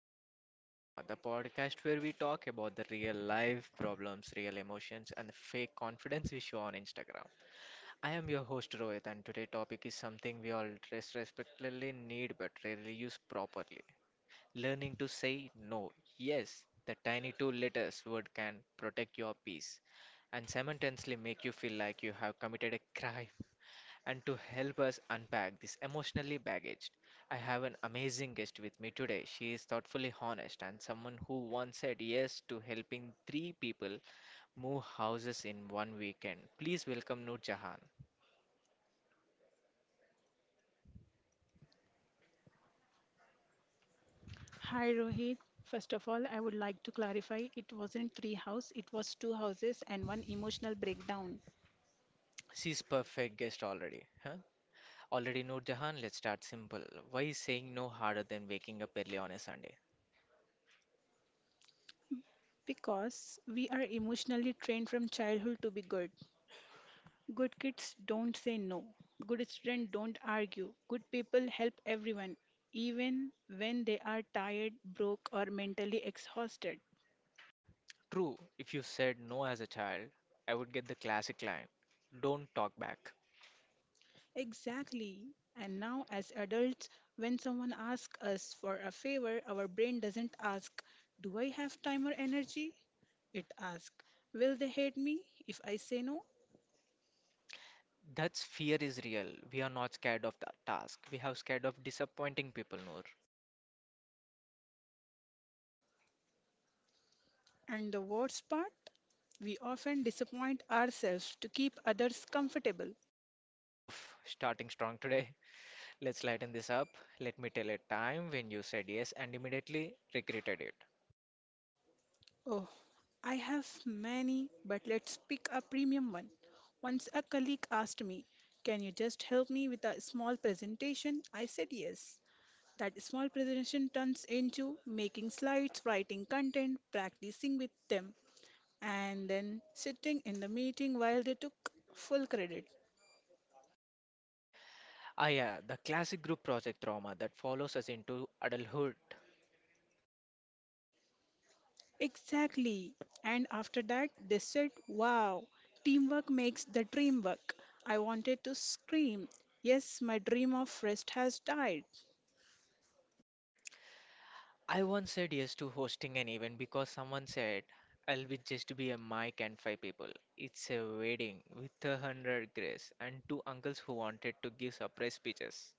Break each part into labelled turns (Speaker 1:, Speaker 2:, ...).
Speaker 1: and Little Bit of Drama, the podcast where we talk about the real life problems, real emotions, and the fake confidence we show on Instagram. I am your host Rohit, and today's topic is something we all respectively need but rarely use properly learning to say no. Yes, the tiny two letters word can protect your peace and simultaneously make you feel like you have committed a crime and to help us unpack this emotionally baggage, I have an amazing guest with me today. She is thoughtfully honest and someone who once said yes to helping three people move houses in one weekend. Please welcome Noor Jahan.
Speaker 2: Hi Rohit. First of all, I would like to clarify it wasn't three house, it was two houses and one emotional breakdown.
Speaker 1: She's perfect guest already, huh? Already Noor Jahan, let's start simple. Why is saying no harder than waking up early on a Sunday?
Speaker 2: Because we are emotionally trained from childhood to be good. Good kids don't say no. Good students don't argue. Good people help everyone, even when they are tired, broke, or mentally exhausted.
Speaker 1: True, if you said no as a child, I would get the classic line, don't talk back.
Speaker 2: Exactly. And now, as adults, when someone asks us for a favor, our brain doesn't ask, do I have time or energy? It asks, will they hate me if I say no?
Speaker 1: That's fear is real. We are not scared of the task. We have scared of disappointing people, Noor.
Speaker 2: And the worst part, we often disappoint ourselves to keep others comfortable.
Speaker 1: Oof, starting strong today. Let's lighten this up. Let me tell a time when you said yes and immediately regretted it.
Speaker 2: Oh, I have many, but let's pick a premium one. Once a colleague asked me, can you just help me with a small presentation? I said yes. That small presentation turns into making slides, writing content, practicing with them, and then sitting in the meeting while they took full credit.
Speaker 1: Ah, yeah, the classic group project trauma that follows us into adulthood.
Speaker 2: Exactly. And after that, they said, wow, teamwork makes the dream work. I wanted to scream. Yes, my dream of rest has died.
Speaker 1: I once said yes to hosting an event because someone said, I'll be just be a mic and five people. It's a wedding with 100 grace and two uncles who wanted to give surprise speeches.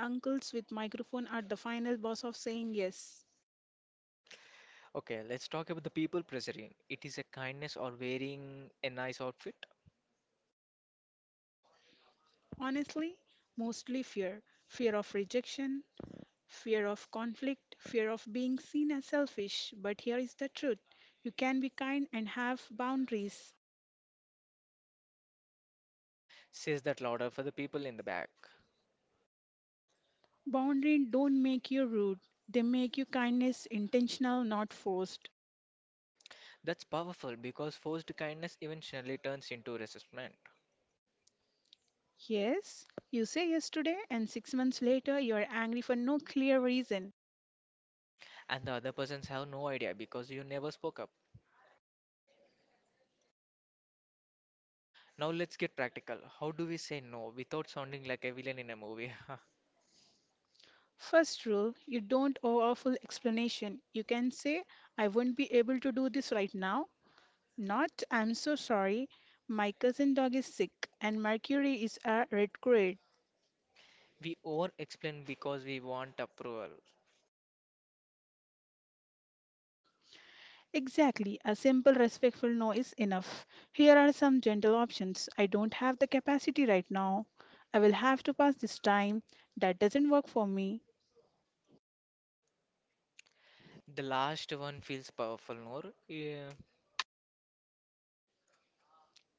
Speaker 2: Uncles with microphone are the final boss of saying yes.
Speaker 1: Okay, let's talk about the people pressuring. It is a kindness or wearing a nice outfit.
Speaker 2: Honestly, mostly fear of rejection, fear of conflict, fear of being seen as selfish. But here is the truth, you can be kind and have boundaries.
Speaker 1: Says that louder for the people in the back.
Speaker 2: Boundaries don't make you rude, they make your kindness intentional, not forced.
Speaker 1: That's powerful because forced kindness eventually turns into resentment,
Speaker 2: Yes, you say yes today, and 6 months later you are angry for no clear reason.
Speaker 1: and the other persons have no idea because you never spoke up. Now let's get practical. How do we say no without sounding like a villain in a movie?
Speaker 2: First rule, you don't owe a full explanation. You can say, I won't be able to do this right now. Not, I'm so sorry. My cousin dog is sick, and Mercury is a retrograde.
Speaker 1: we over explain because we want approval.
Speaker 2: Exactly, a simple respectful no is enough. Here are some gentle options. I don't have the capacity right now. I will have to pass this time. That doesn't work for me.
Speaker 1: The last one feels powerful, Noor. Yeah.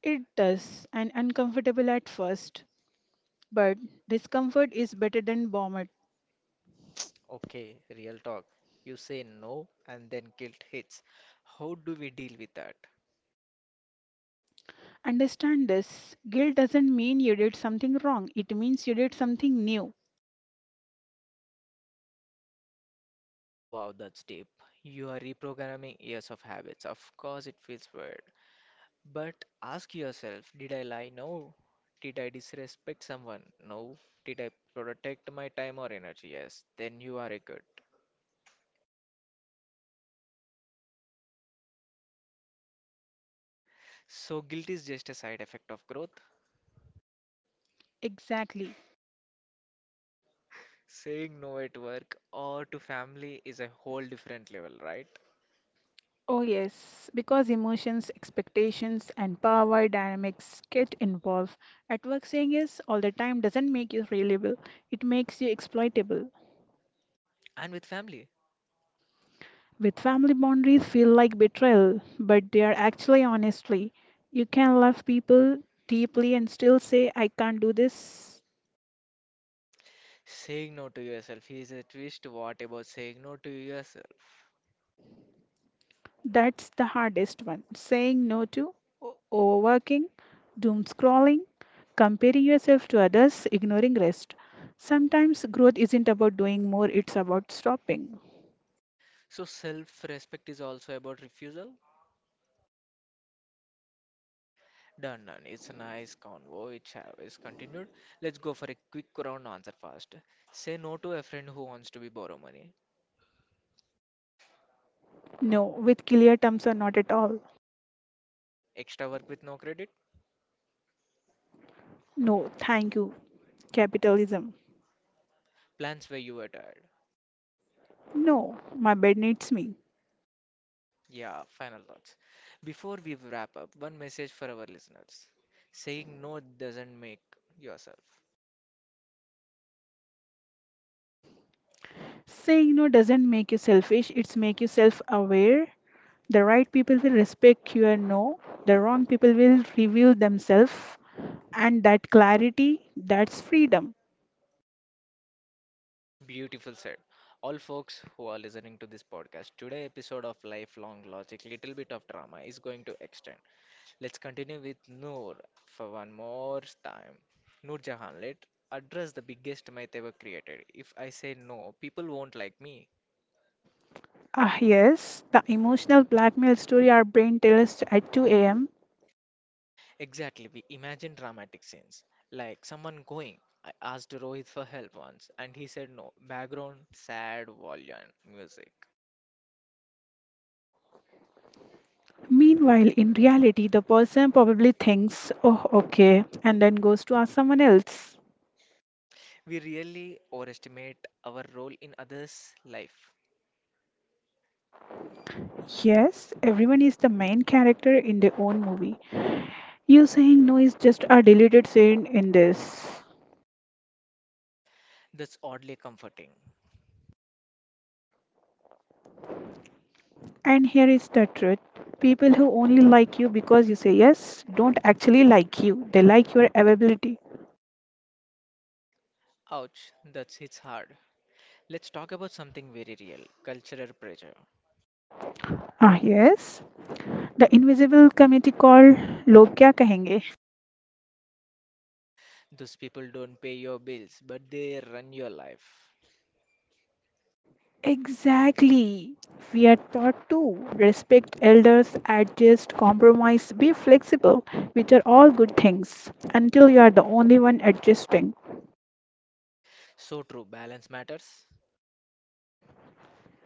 Speaker 2: It does, and uncomfortable at first. But discomfort is better than vomit.
Speaker 1: Okay, real talk. You say no and then guilt hits. How do we deal with that?
Speaker 2: Understand, this guilt doesn't mean you did something wrong, it means you did something new.
Speaker 1: Wow, that's deep. You are reprogramming years of habits. Of course, it feels weird. But ask yourself, did I lie? No. Did I disrespect someone? No. Did I protect my time or energy? Yes. Then you are a good. So, guilt is just a side effect of growth.
Speaker 2: Exactly.
Speaker 1: Saying no at work or to family is a whole different level, right?
Speaker 2: Oh, yes, because emotions, expectations, and power dynamics get involved. At work, saying yes all the time doesn't make you reliable, it makes you exploitable.
Speaker 1: And with family,
Speaker 2: With family, boundaries feel like betrayal, but they are actually honestly. You can love people deeply and still say, I can't do this.
Speaker 1: saying no to yourself is a twist. What about saying no to yourself?
Speaker 2: That's the hardest one. Saying no to overworking, doom scrolling, comparing yourself to others, ignoring rest. Sometimes growth isn't about doing more, it's about stopping.
Speaker 1: So self-respect is also about refusal. Done, done. It's a nice convo. It is continued. Let's go for a quick round answer fast. Say no to a friend who wants to be borrow money.
Speaker 2: No, with clear terms or not at all.
Speaker 1: Extra work with no credit.
Speaker 2: No, thank you. Capitalism.
Speaker 1: Plans where you were tired.
Speaker 2: No, my bed needs me.
Speaker 1: Yeah, final thoughts. Before we wrap up, one message for our listeners. Saying no doesn't make yourself.
Speaker 2: Saying no doesn't make you selfish, it's make you self-aware. The right people will respect your no, the wrong people will reveal themselves. And that clarity, that's freedom.
Speaker 1: Beautiful said. All folks who are listening to this podcast, today episode of Lifelong Logic, little bit of drama is going to extend. Let's continue with Noor for one more time. Noor Jahan, let address the biggest myth ever created. If I say no, people won't like me.
Speaker 2: Ah, yes, the emotional blackmail story our brain tells at 2 a.m.
Speaker 1: Exactly, we imagine dramatic scenes. Like someone going. I asked Rohit for help once and he said no. Background, sad volume music.
Speaker 2: Meanwhile, in reality, the person probably thinks, oh, okay, and then goes to ask someone else.
Speaker 1: We really overestimate our role in others' life.
Speaker 2: Yes, everyone is the main character in their own movie. You saying no is just a deleted scene in this.
Speaker 1: That's oddly comforting.
Speaker 2: And here is the truth. People who only like you because you say yes don't actually like you. They like your availability.
Speaker 1: Ouch, that hits hard. Let's talk about something very real cultural pressure.
Speaker 2: Ah, yes. The invisible committee called log kya kahenge.
Speaker 1: Those people don't pay your bills, but they run your life.
Speaker 2: Exactly. We are taught to respect elders, adjust, compromise, be flexible, which are all good things, until you are the only one adjusting.
Speaker 1: So true, balance matters.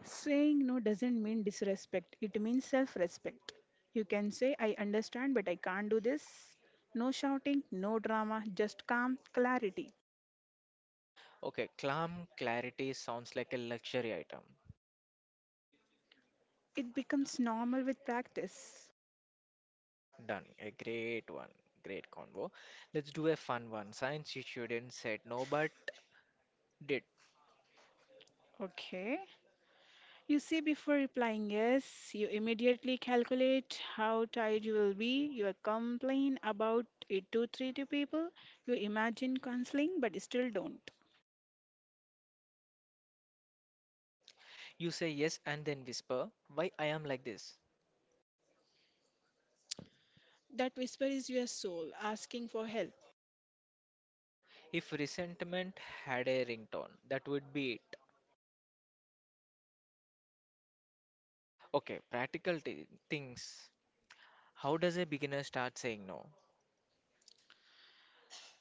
Speaker 2: Saying no doesn't mean disrespect, it means self respect. You can say, I understand, but I can't do this. No shouting, no drama, just calm clarity.
Speaker 1: Okay, calm clarity sounds like a luxury item.
Speaker 2: It becomes normal with practice.
Speaker 1: Done, a great one. Great convo. Let's do a fun one. Science you shouldn't said no but did.
Speaker 2: Okay. You see, before replying yes, you immediately calculate how tired you will be. You complain about it to three to people. You imagine counseling, but still don't.
Speaker 1: You say yes and then whisper, why I am like this.
Speaker 2: That whisper is your soul asking for help.
Speaker 1: If resentment had a ringtone, that would be it. Okay, practical t things. How does a beginner start saying no?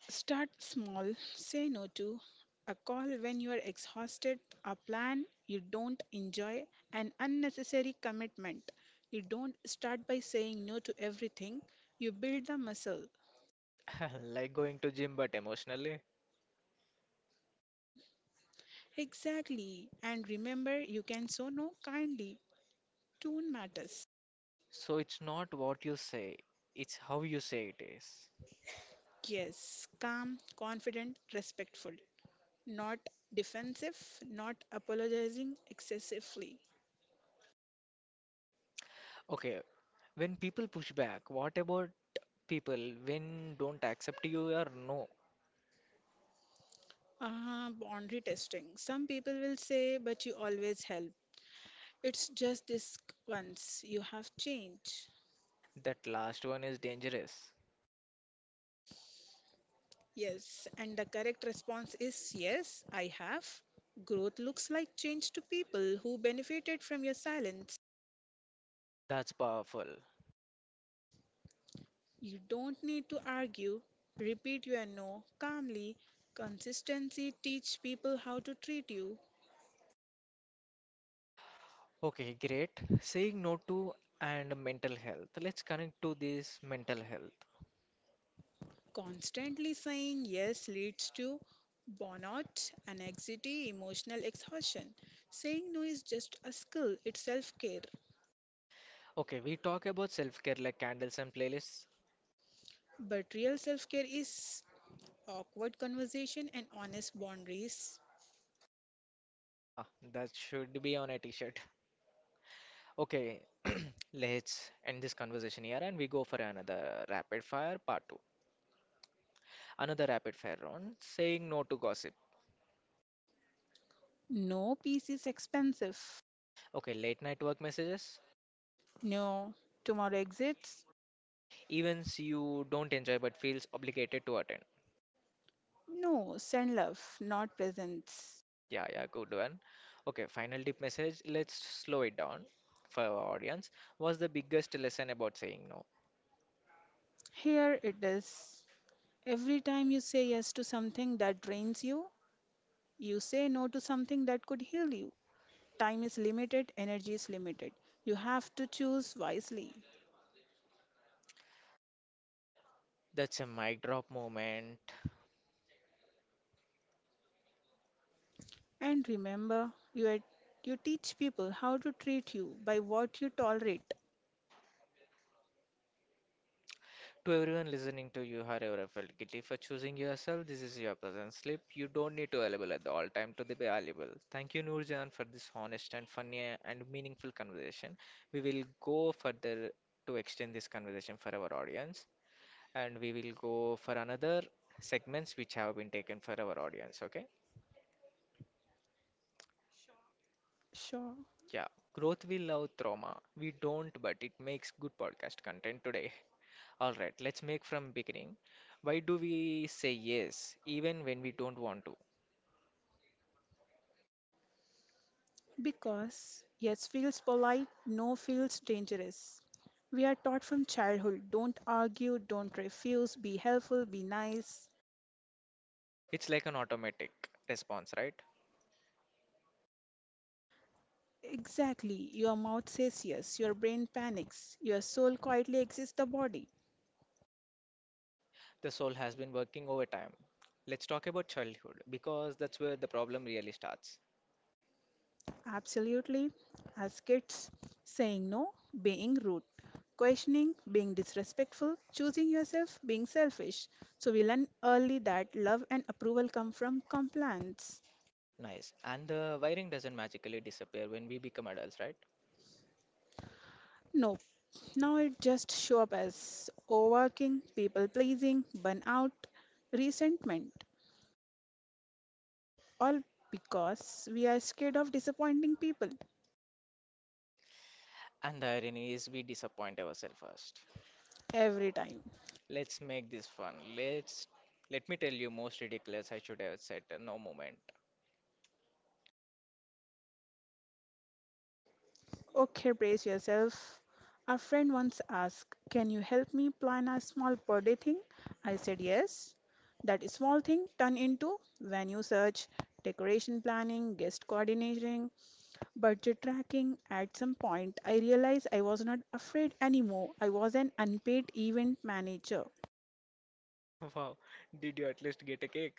Speaker 2: Start small. Say no to a call when you are exhausted, a plan you don't enjoy, an unnecessary commitment. You don't start by saying no to everything. You build the muscle.
Speaker 1: Like going to gym, but emotionally.
Speaker 2: Exactly. And remember, you can so no kindly. Tone matters.
Speaker 1: So it's not what you say, it's how you say it is.
Speaker 2: Yes, calm, confident, respectful. Not defensive, not apologizing excessively.
Speaker 1: Okay, when people push back, what about people when don't accept you or no?
Speaker 2: Ah, boundary testing. Some people will say, but you always help. It's just this once. You have changed.
Speaker 1: That last one is dangerous.
Speaker 2: Yes, and the correct response is, yes, I have. Growth looks like change to people who benefited from your silence.
Speaker 1: That's powerful.
Speaker 2: You don't need to argue. Repeat your no calmly. Consistency teach people how to treat you.
Speaker 1: Okay, great. Saying no to and mental health. Let's connect to this mental health.
Speaker 2: Constantly saying yes leads to burnout, anxiety, emotional exhaustion. Saying no is just a skill, it's self-care.
Speaker 1: Okay, we talk about self-care like candles and playlists,
Speaker 2: But real self-care is awkward conversation and honest boundaries.
Speaker 1: haha, that should be on a t-shirt. Okay, let's end this conversation here and we go for another rapid fire part 2. Another rapid fire round, saying no to gossip.
Speaker 2: No, peace is expensive.
Speaker 1: Okay, late night work messages,
Speaker 2: No, tomorrow exits.
Speaker 1: events you don't enjoy but feels obligated to attend.
Speaker 2: No, send love, not presents.
Speaker 1: Yeah, yeah, good one. Okay, final deep message. Let's slow it down for our audience. What's the biggest lesson about saying no?
Speaker 2: Here it is. Every time you say yes to something that drains you, you say no to something that could heal you. Time is limited, energy is limited. You have to choose wisely.
Speaker 1: That's a mic drop moment.
Speaker 2: And remember, you teach people how to treat you by what you tolerate.
Speaker 1: To everyone listening to you, have ever felt guilty for choosing yourself? This is your present slip. You don't need to available at the all time to be valuable. Thank you, Noorjan, for this honest and funny and meaningful conversation. We will go further to extend this conversation for our audience, and we will go for another segments which have been taken for our audience. Okay?
Speaker 2: Sure.
Speaker 1: Yeah, growth will love trauma. We don't, but it makes good podcast content today. All right, let's make from beginning. Why do we say yes even when we don't want to?
Speaker 2: Because yes feels polite, no feels dangerous. We are taught from childhood, don't argue, don't refuse, be helpful, be nice.
Speaker 1: It's like an automatic response, right?
Speaker 2: Exactly. Your mouth says yes, your brain panics, your soul quietly exits the body.
Speaker 1: The soul has been working overtime. Let's talk about childhood because that's where the problem really starts.
Speaker 2: Absolutely. As kids, saying no, being rude, questioning, being disrespectful, choosing yourself, being selfish. So we learn early that love and approval come from compliance.
Speaker 1: Nice. And the wiring doesn't magically disappear when we become adults, right?
Speaker 2: No, now it just show up as overworking, people pleasing, burnout, resentment, all because we are scared of disappointing people
Speaker 1: And the irony is we disappoint ourselves first.
Speaker 2: every time.
Speaker 1: Let's make this fun. Let me tell you most ridiculous I should have said no moment.
Speaker 2: Okay, brace yourself. A friend once asked, can you help me plan a small per day thing? I said yes. That small thing turned into venue search, decoration planning, guest coordination, budget tracking. At some point, I realized I was not afraid anymore. I was an unpaid event manager.
Speaker 1: Wow, did you at least get a cake?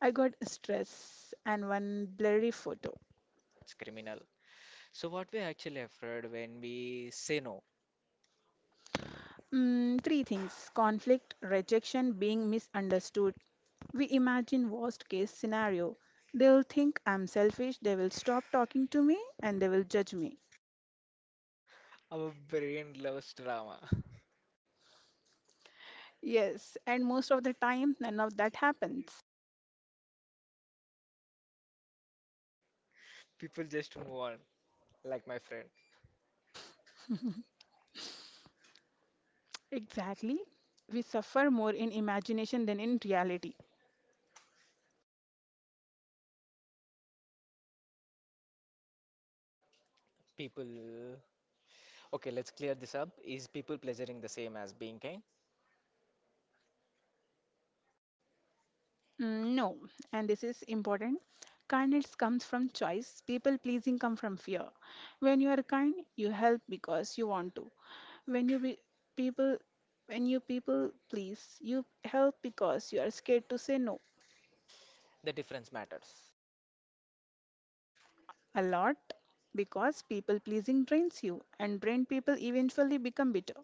Speaker 2: I got stress and one blurry photo.
Speaker 1: That's criminal. So what we actually afraid when we say no?
Speaker 2: Three things, conflict, rejection, being misunderstood. We imagine worst case scenario. They'll think I'm selfish, they will stop talking to me and they will judge me.
Speaker 1: Our brain loves drama.
Speaker 2: Yes, and most of the time none of that happens.
Speaker 1: People just move on, like my friend.
Speaker 2: Exactly. We suffer more in imagination than in reality.
Speaker 1: People. Okay, let's clear this up. Is people pleasuring the same as being kind?
Speaker 2: No, and this is important. Kindness comes from choice. People pleasing comes from fear. When you are kind, you help because you want to. When you be people when you people please, you help because you are scared to say no.
Speaker 1: The difference matters.
Speaker 2: A lot, because people pleasing drains you, and drained people eventually become bitter.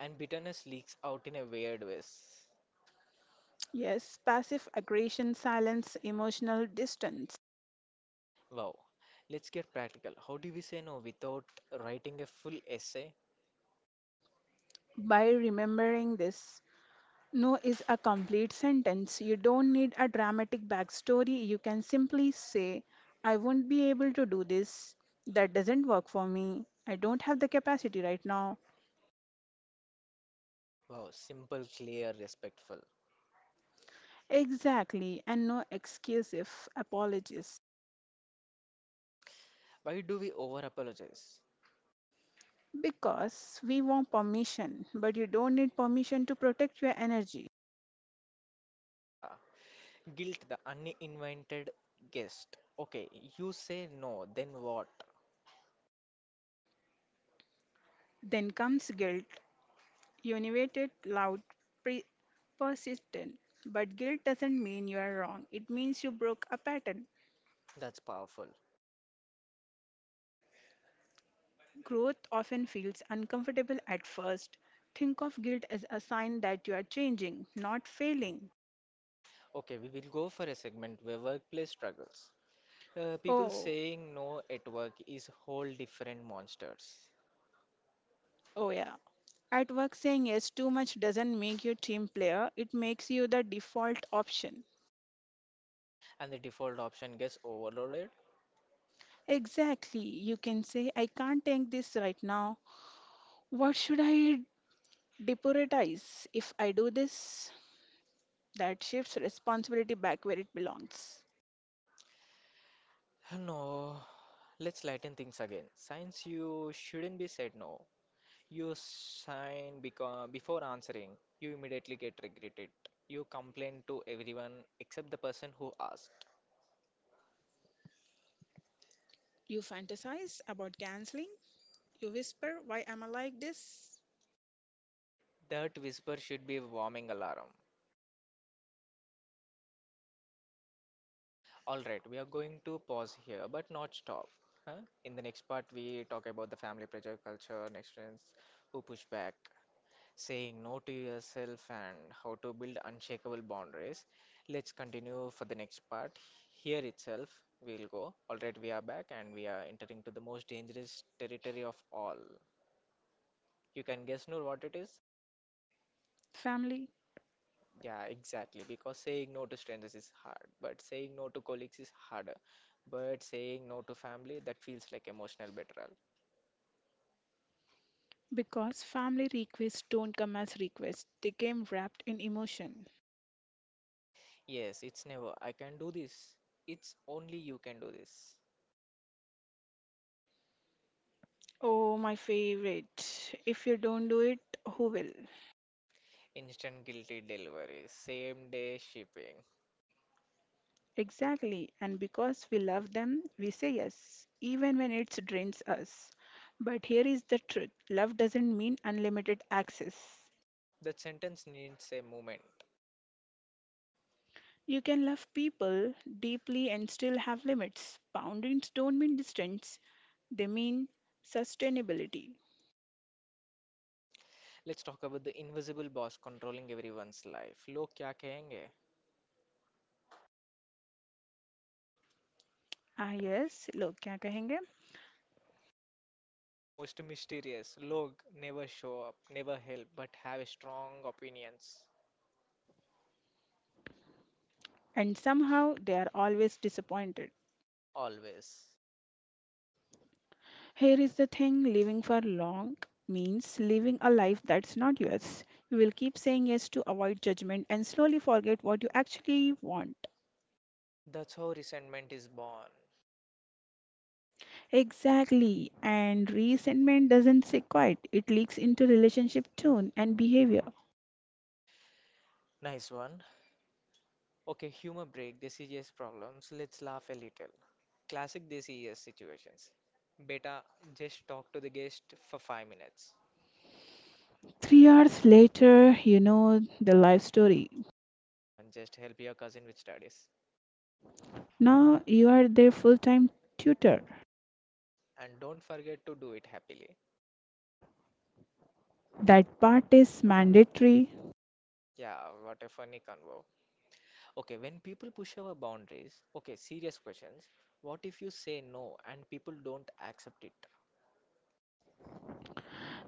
Speaker 1: And bitterness leaks out in a weird ways.
Speaker 2: Yes, passive aggression, silence, emotional distance.
Speaker 1: Wow. Let's get practical. How do we say no without writing a full essay?
Speaker 2: By remembering this, no is a complete sentence. You don't need a dramatic backstory. You can simply say, I won't be able to do this. That doesn't work for me. I don't have the capacity right now.
Speaker 1: Wow, simple, clear, respectful.
Speaker 2: Exactly, and no excuse if apologies.
Speaker 1: Why do we over apologize?
Speaker 2: Because we want permission, but you don't need permission to protect your energy.
Speaker 1: Yeah. Guilt the uninvited guest. Okay, you say no, then what?
Speaker 2: Then comes guilt, univated, loud, pre- persistent. But guilt doesn't mean you are wrong, it means you broke a pattern.
Speaker 1: That's powerful.
Speaker 2: Growth often feels uncomfortable at first. Think of guilt as a sign that you are changing, not failing.
Speaker 1: Okay, we will go for a segment where workplace struggles. People
Speaker 2: Oh,
Speaker 1: saying no at work is whole different monsters,
Speaker 2: oh yeah. At work, saying yes too much doesn't make you team player, it makes you the default option.
Speaker 1: and the default option gets overloaded.
Speaker 2: Exactly. You can say, I can't take this right now. What should I deprioritize? If I do this, that shifts responsibility back where it belongs.
Speaker 1: No, let's lighten things again. Since you shouldn't be said no, you sign because before answering, you immediately get regretted. You complain to everyone except the person who asked.
Speaker 2: You fantasize about canceling. You whisper, why am I like this?
Speaker 1: That whisper should be a warming alarm. All right, we are going to pause here, but not stop. Huh? In the next part, we talk about the family pressure culture and friends who push back, saying no to yourself, and how to build unshakable boundaries. Let's continue for the next part. Here itself, we'll go. All right, we are back, and we are entering to the most dangerous territory of all. You can guess, Noor, what it is?
Speaker 2: Family.
Speaker 1: Yeah, exactly. Because saying no to strangers is hard, but saying no to colleagues is harder. But saying no to family, that feels like emotional betrayal.
Speaker 2: Because family requests don't come as requests, they came wrapped in emotion.
Speaker 1: Yes, it's never, I can do this. It's only you can do this.
Speaker 2: Oh, my favorite. If you don't do it, who will?
Speaker 1: Instant guilty delivery, same day shipping.
Speaker 2: Exactly, and because we love them, we say yes, even when it drains us. But here is the truth, love doesn't mean unlimited access.
Speaker 1: That sentence needs a moment.
Speaker 2: You can love people deeply and still have limits. Boundaries don't mean distance, they mean sustainability.
Speaker 1: Let's talk about the invisible boss controlling everyone's life. Log क्या कहेंगे?
Speaker 2: Ah, yes, log kya kahenge?
Speaker 1: Most mysterious. Log never show up, never help, but have strong opinions.
Speaker 2: And somehow they are always disappointed.
Speaker 1: Always.
Speaker 2: Here is the thing, living for long means living a life that's not yours. You will keep saying yes to avoid judgment and slowly forget what you actually want.
Speaker 1: That's how resentment is born.
Speaker 2: Exactly. And resentment doesn't sit quiet, it leaks into relationship tone and behavior.
Speaker 1: Nice one. Okay, humor break the serious problems. Let's laugh a little. Classic DCES situations. Beta, just talk to the guest for 5 minutes.
Speaker 2: 3 hours later, you know the life story.
Speaker 1: Just help your cousin with studies.
Speaker 2: Now you are their full time tutor.
Speaker 1: And don't forget to do it happily.
Speaker 2: That part is mandatory.
Speaker 1: Yeah, what a funny convo. Okay, when people push our boundaries, okay, serious questions. What if you say no and people don't accept it?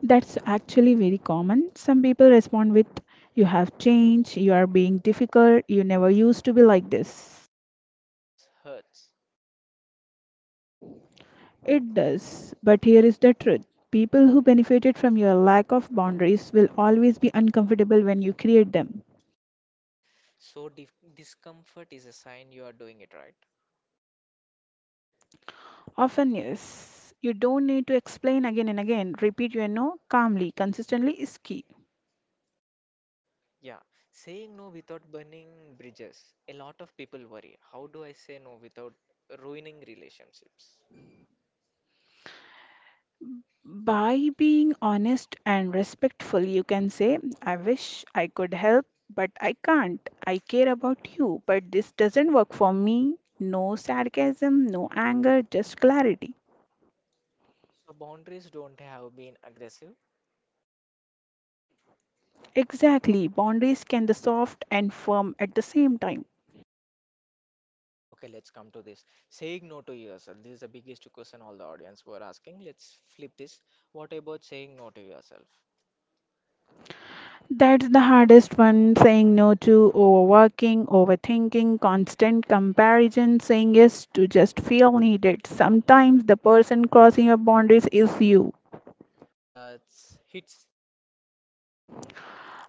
Speaker 2: That's actually very common. Some people respond with, you have changed, you are being difficult, you never used to be like this.
Speaker 1: Hurts, hurts.
Speaker 2: It does, but here is the truth. People who benefited from your lack of boundaries will always be uncomfortable when you create them.
Speaker 1: So, discomfort is a sign you are doing it right.
Speaker 2: Often, yes. You don't need to explain again and again. Repeat your no calmly, consistently is key.
Speaker 1: Yeah, saying no without burning bridges. A lot of people worry, how do I say no without ruining relationships?
Speaker 2: By being honest and respectful, you can say, I wish I could help, but I can't. I care about you, but this doesn't work for me. No sarcasm, no anger, just clarity.
Speaker 1: So boundaries don't have been aggressive.
Speaker 2: Exactly, boundaries can be soft and firm at the same time.
Speaker 1: Okay, let's come to this. Saying no to yourself. This is the biggest question all the audience were asking. Let's flip this. What about saying no to yourself?
Speaker 2: That's the hardest one, saying no to overworking, overthinking, constant comparison, saying yes to just feel needed. Sometimes the person crossing your boundaries is you.
Speaker 1: That's hits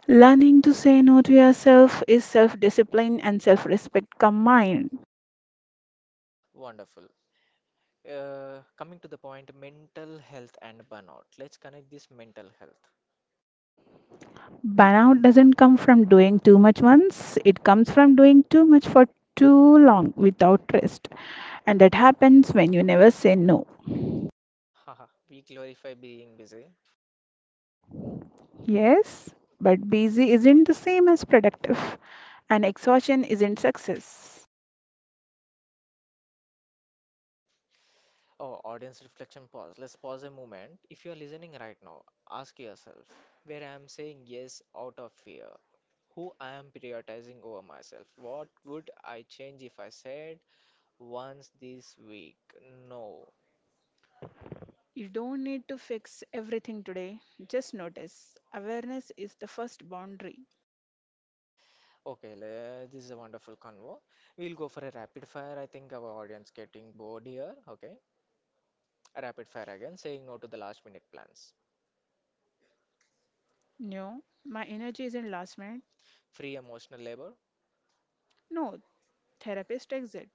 Speaker 2: Learning to say no to yourself is self discipline and self respect combined.
Speaker 1: wonderful. Coming to the point, mental health and burnout. Let's connect this mental health.
Speaker 2: Burnout doesn't come from doing too much once, it comes from doing too much for too long without rest. And that happens when you never say no.
Speaker 1: Haha, we glorify being busy,
Speaker 2: Yes, but busy isn't the same as productive, and exhaustion isn't success.
Speaker 1: oh, audience reflection pause. Let's pause a moment. If you're listening right now, ask yourself where I am saying yes out of fear, who I am prioritizing over myself, what would I change if I said once this week no.
Speaker 2: You don't need to fix everything today, just notice. Awareness is the first boundary.
Speaker 1: Okay, this is a wonderful convo. We'll go for a rapid fire. I think our audience getting bored here. Okay, a rapid fire again, saying no to the last minute plans.
Speaker 2: No, my energy isn't last minute.
Speaker 1: Free emotional labor,
Speaker 2: No, therapist exit.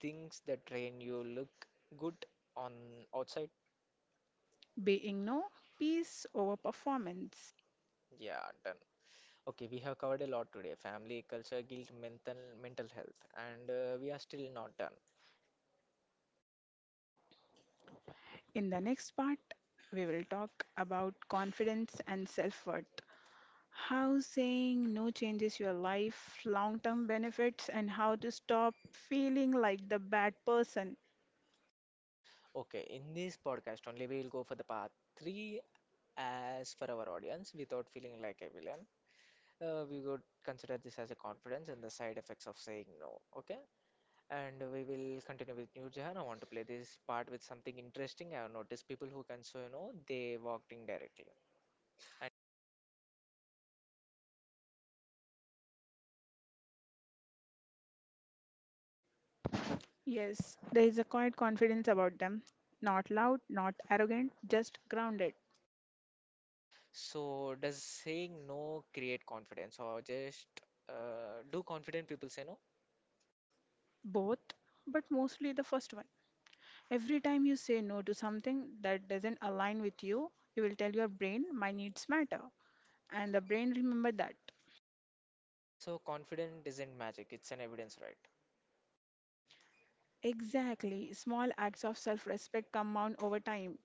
Speaker 1: things that train you look good on outside.
Speaker 2: Being no, peace over performance.
Speaker 1: Yeah, done. Okay, we have covered a lot today family, culture, guilt, mental health, and we are still not done.
Speaker 2: In the next part, we will talk about confidence and self worth. How saying no changes your life, long term benefits, and how to stop feeling like the bad person.
Speaker 1: Okay, in this podcast only, we will go for the part three as for our audience without feeling like a villain. We would consider this as a confidence and the side effects of saying no. Okay, and we will continue with New Jahan. I want to play this part with something interesting. I have noticed people who can say no, they walked in directly.
Speaker 2: Yes, there is a quiet confidence about them. Not loud, not arrogant, just grounded.
Speaker 1: So, does saying no create confidence or just do confident people say no?
Speaker 2: Both, but mostly the first one. Every time you say no to something that doesn't align with you, you will tell your brain, my needs matter. And the brain remember that.
Speaker 1: So confident isn't magic, it's an evidence, right?
Speaker 2: Exactly. Small acts of self-respect compound over time.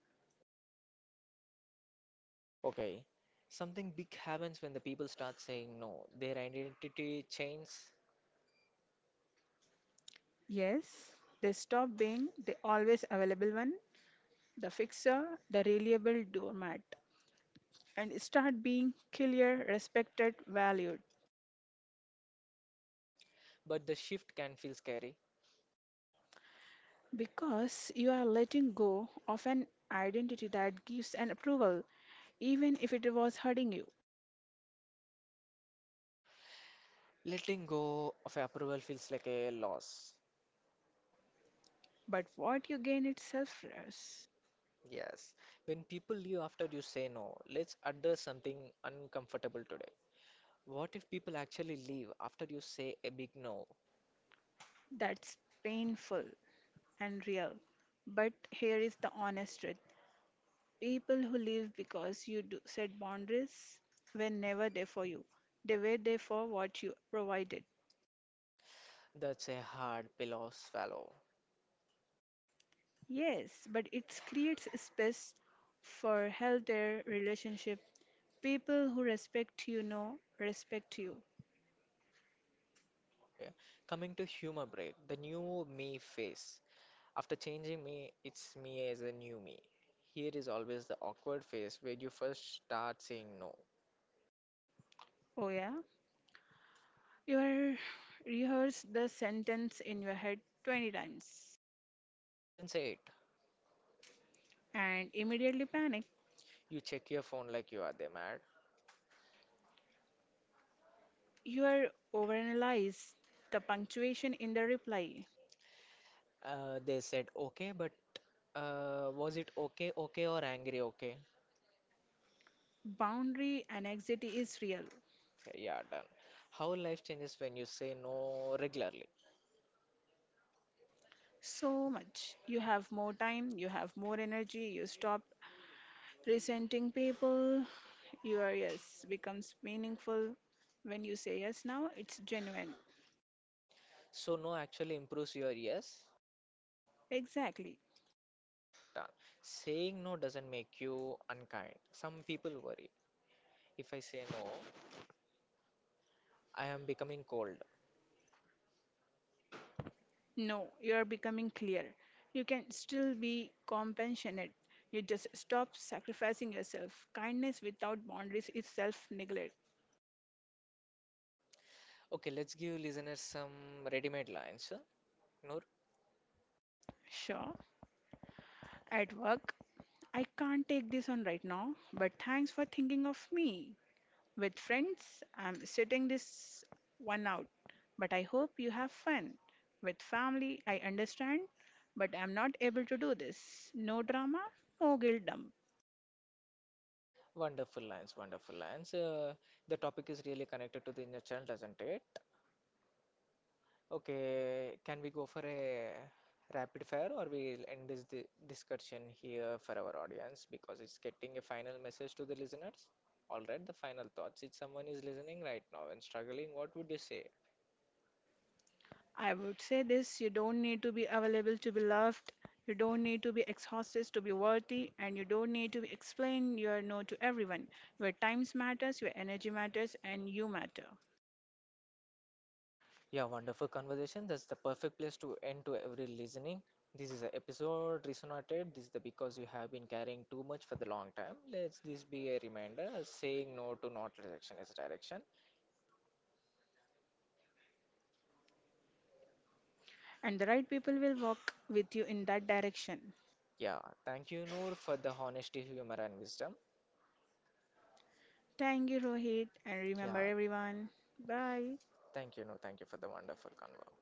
Speaker 1: Okay. Something big happens when the people start saying no. Their identity changes,
Speaker 2: Yes, they stop being the always available one, the fixer, the reliable doormat, and start being clear, respected, valued.
Speaker 1: but the shift can feel scary.
Speaker 2: Because you are letting go of an identity that gives an approval, even if it was hurting you.
Speaker 1: Letting go of approval feels like a loss.
Speaker 2: But what you gain is self-trust.
Speaker 1: Yes. When people leave after you say no, let's address something uncomfortable today. What if people actually leave after you say a big no?
Speaker 2: That's painful and real. But here is the honest truth. People who live because you do set boundaries were never there for you. They were there for what you provided.
Speaker 1: That's a hard pillow to swallow.
Speaker 2: Yes, but it creates a space for healthier relationship. People who respect you know respect you.
Speaker 1: Okay. Coming to humor break, the new me face. After changing me, it's me as a new me. Here is always the awkward phase where you first start saying no,
Speaker 2: Oh yeah? You rehearse the sentence in your head 20 times
Speaker 1: then say it.
Speaker 2: and immediately panic.
Speaker 1: You check your phone like you are they mad.
Speaker 2: You are overanalyze the punctuation in the reply.
Speaker 1: They said okay, but was it okay, okay, or angry, okay?
Speaker 2: Boundary anxiety is real.
Speaker 1: Yeah, done. How life changes when you say no regularly.
Speaker 2: So much. You have more time, you have more energy, you stop resenting people. Your yes becomes meaningful. When you say yes now, it's genuine.
Speaker 1: So, no actually improves your yes.
Speaker 2: Exactly.
Speaker 1: Done. Saying no doesn't make you unkind. Some people worry. If I say no, I am becoming cold.
Speaker 2: No, you are becoming clear. You can still be compassionate. You just stop sacrificing yourself. Kindness without boundaries is self neglect.
Speaker 1: Okay, let's give listeners some ready-made lines. Noor.
Speaker 2: Sure, at work, I can't take this on right now, but thanks for thinking of me. With friends, I'm sitting this one out, but I hope you have fun. With family, I understand, but I'm not able to do this. No drama, no guilt dump.
Speaker 1: Wonderful lines, wonderful lines. The topic is really connected to the inner child, doesn't it? Okay, can we go for a rapid fire or we'll end this di discussion here for our audience because it's getting a final message to the listeners? All right, the final thoughts. If someone is listening right now and struggling, what would you say?
Speaker 2: I would say this, you don't need to be available to be loved, you don't need to be exhausted to be worthy, and you don't need to explain your no to everyone. Your times matters, your energy matters, and you matter.
Speaker 1: Yeah, wonderful conversation. That's the perfect place to end to every listening. This is an episode resonated. This is the because you have been carrying too much for the long time. Let's this be a reminder. Saying no to not rejection is direction.
Speaker 2: And the right people will walk with you in that direction.
Speaker 1: Yeah, thank you, Noor, for the honesty, humor, and wisdom.
Speaker 2: Thank you, Rohit, and remember
Speaker 1: Yeah,
Speaker 2: everyone. Bye.
Speaker 1: thank you, Noor. Thank you for the wonderful convo.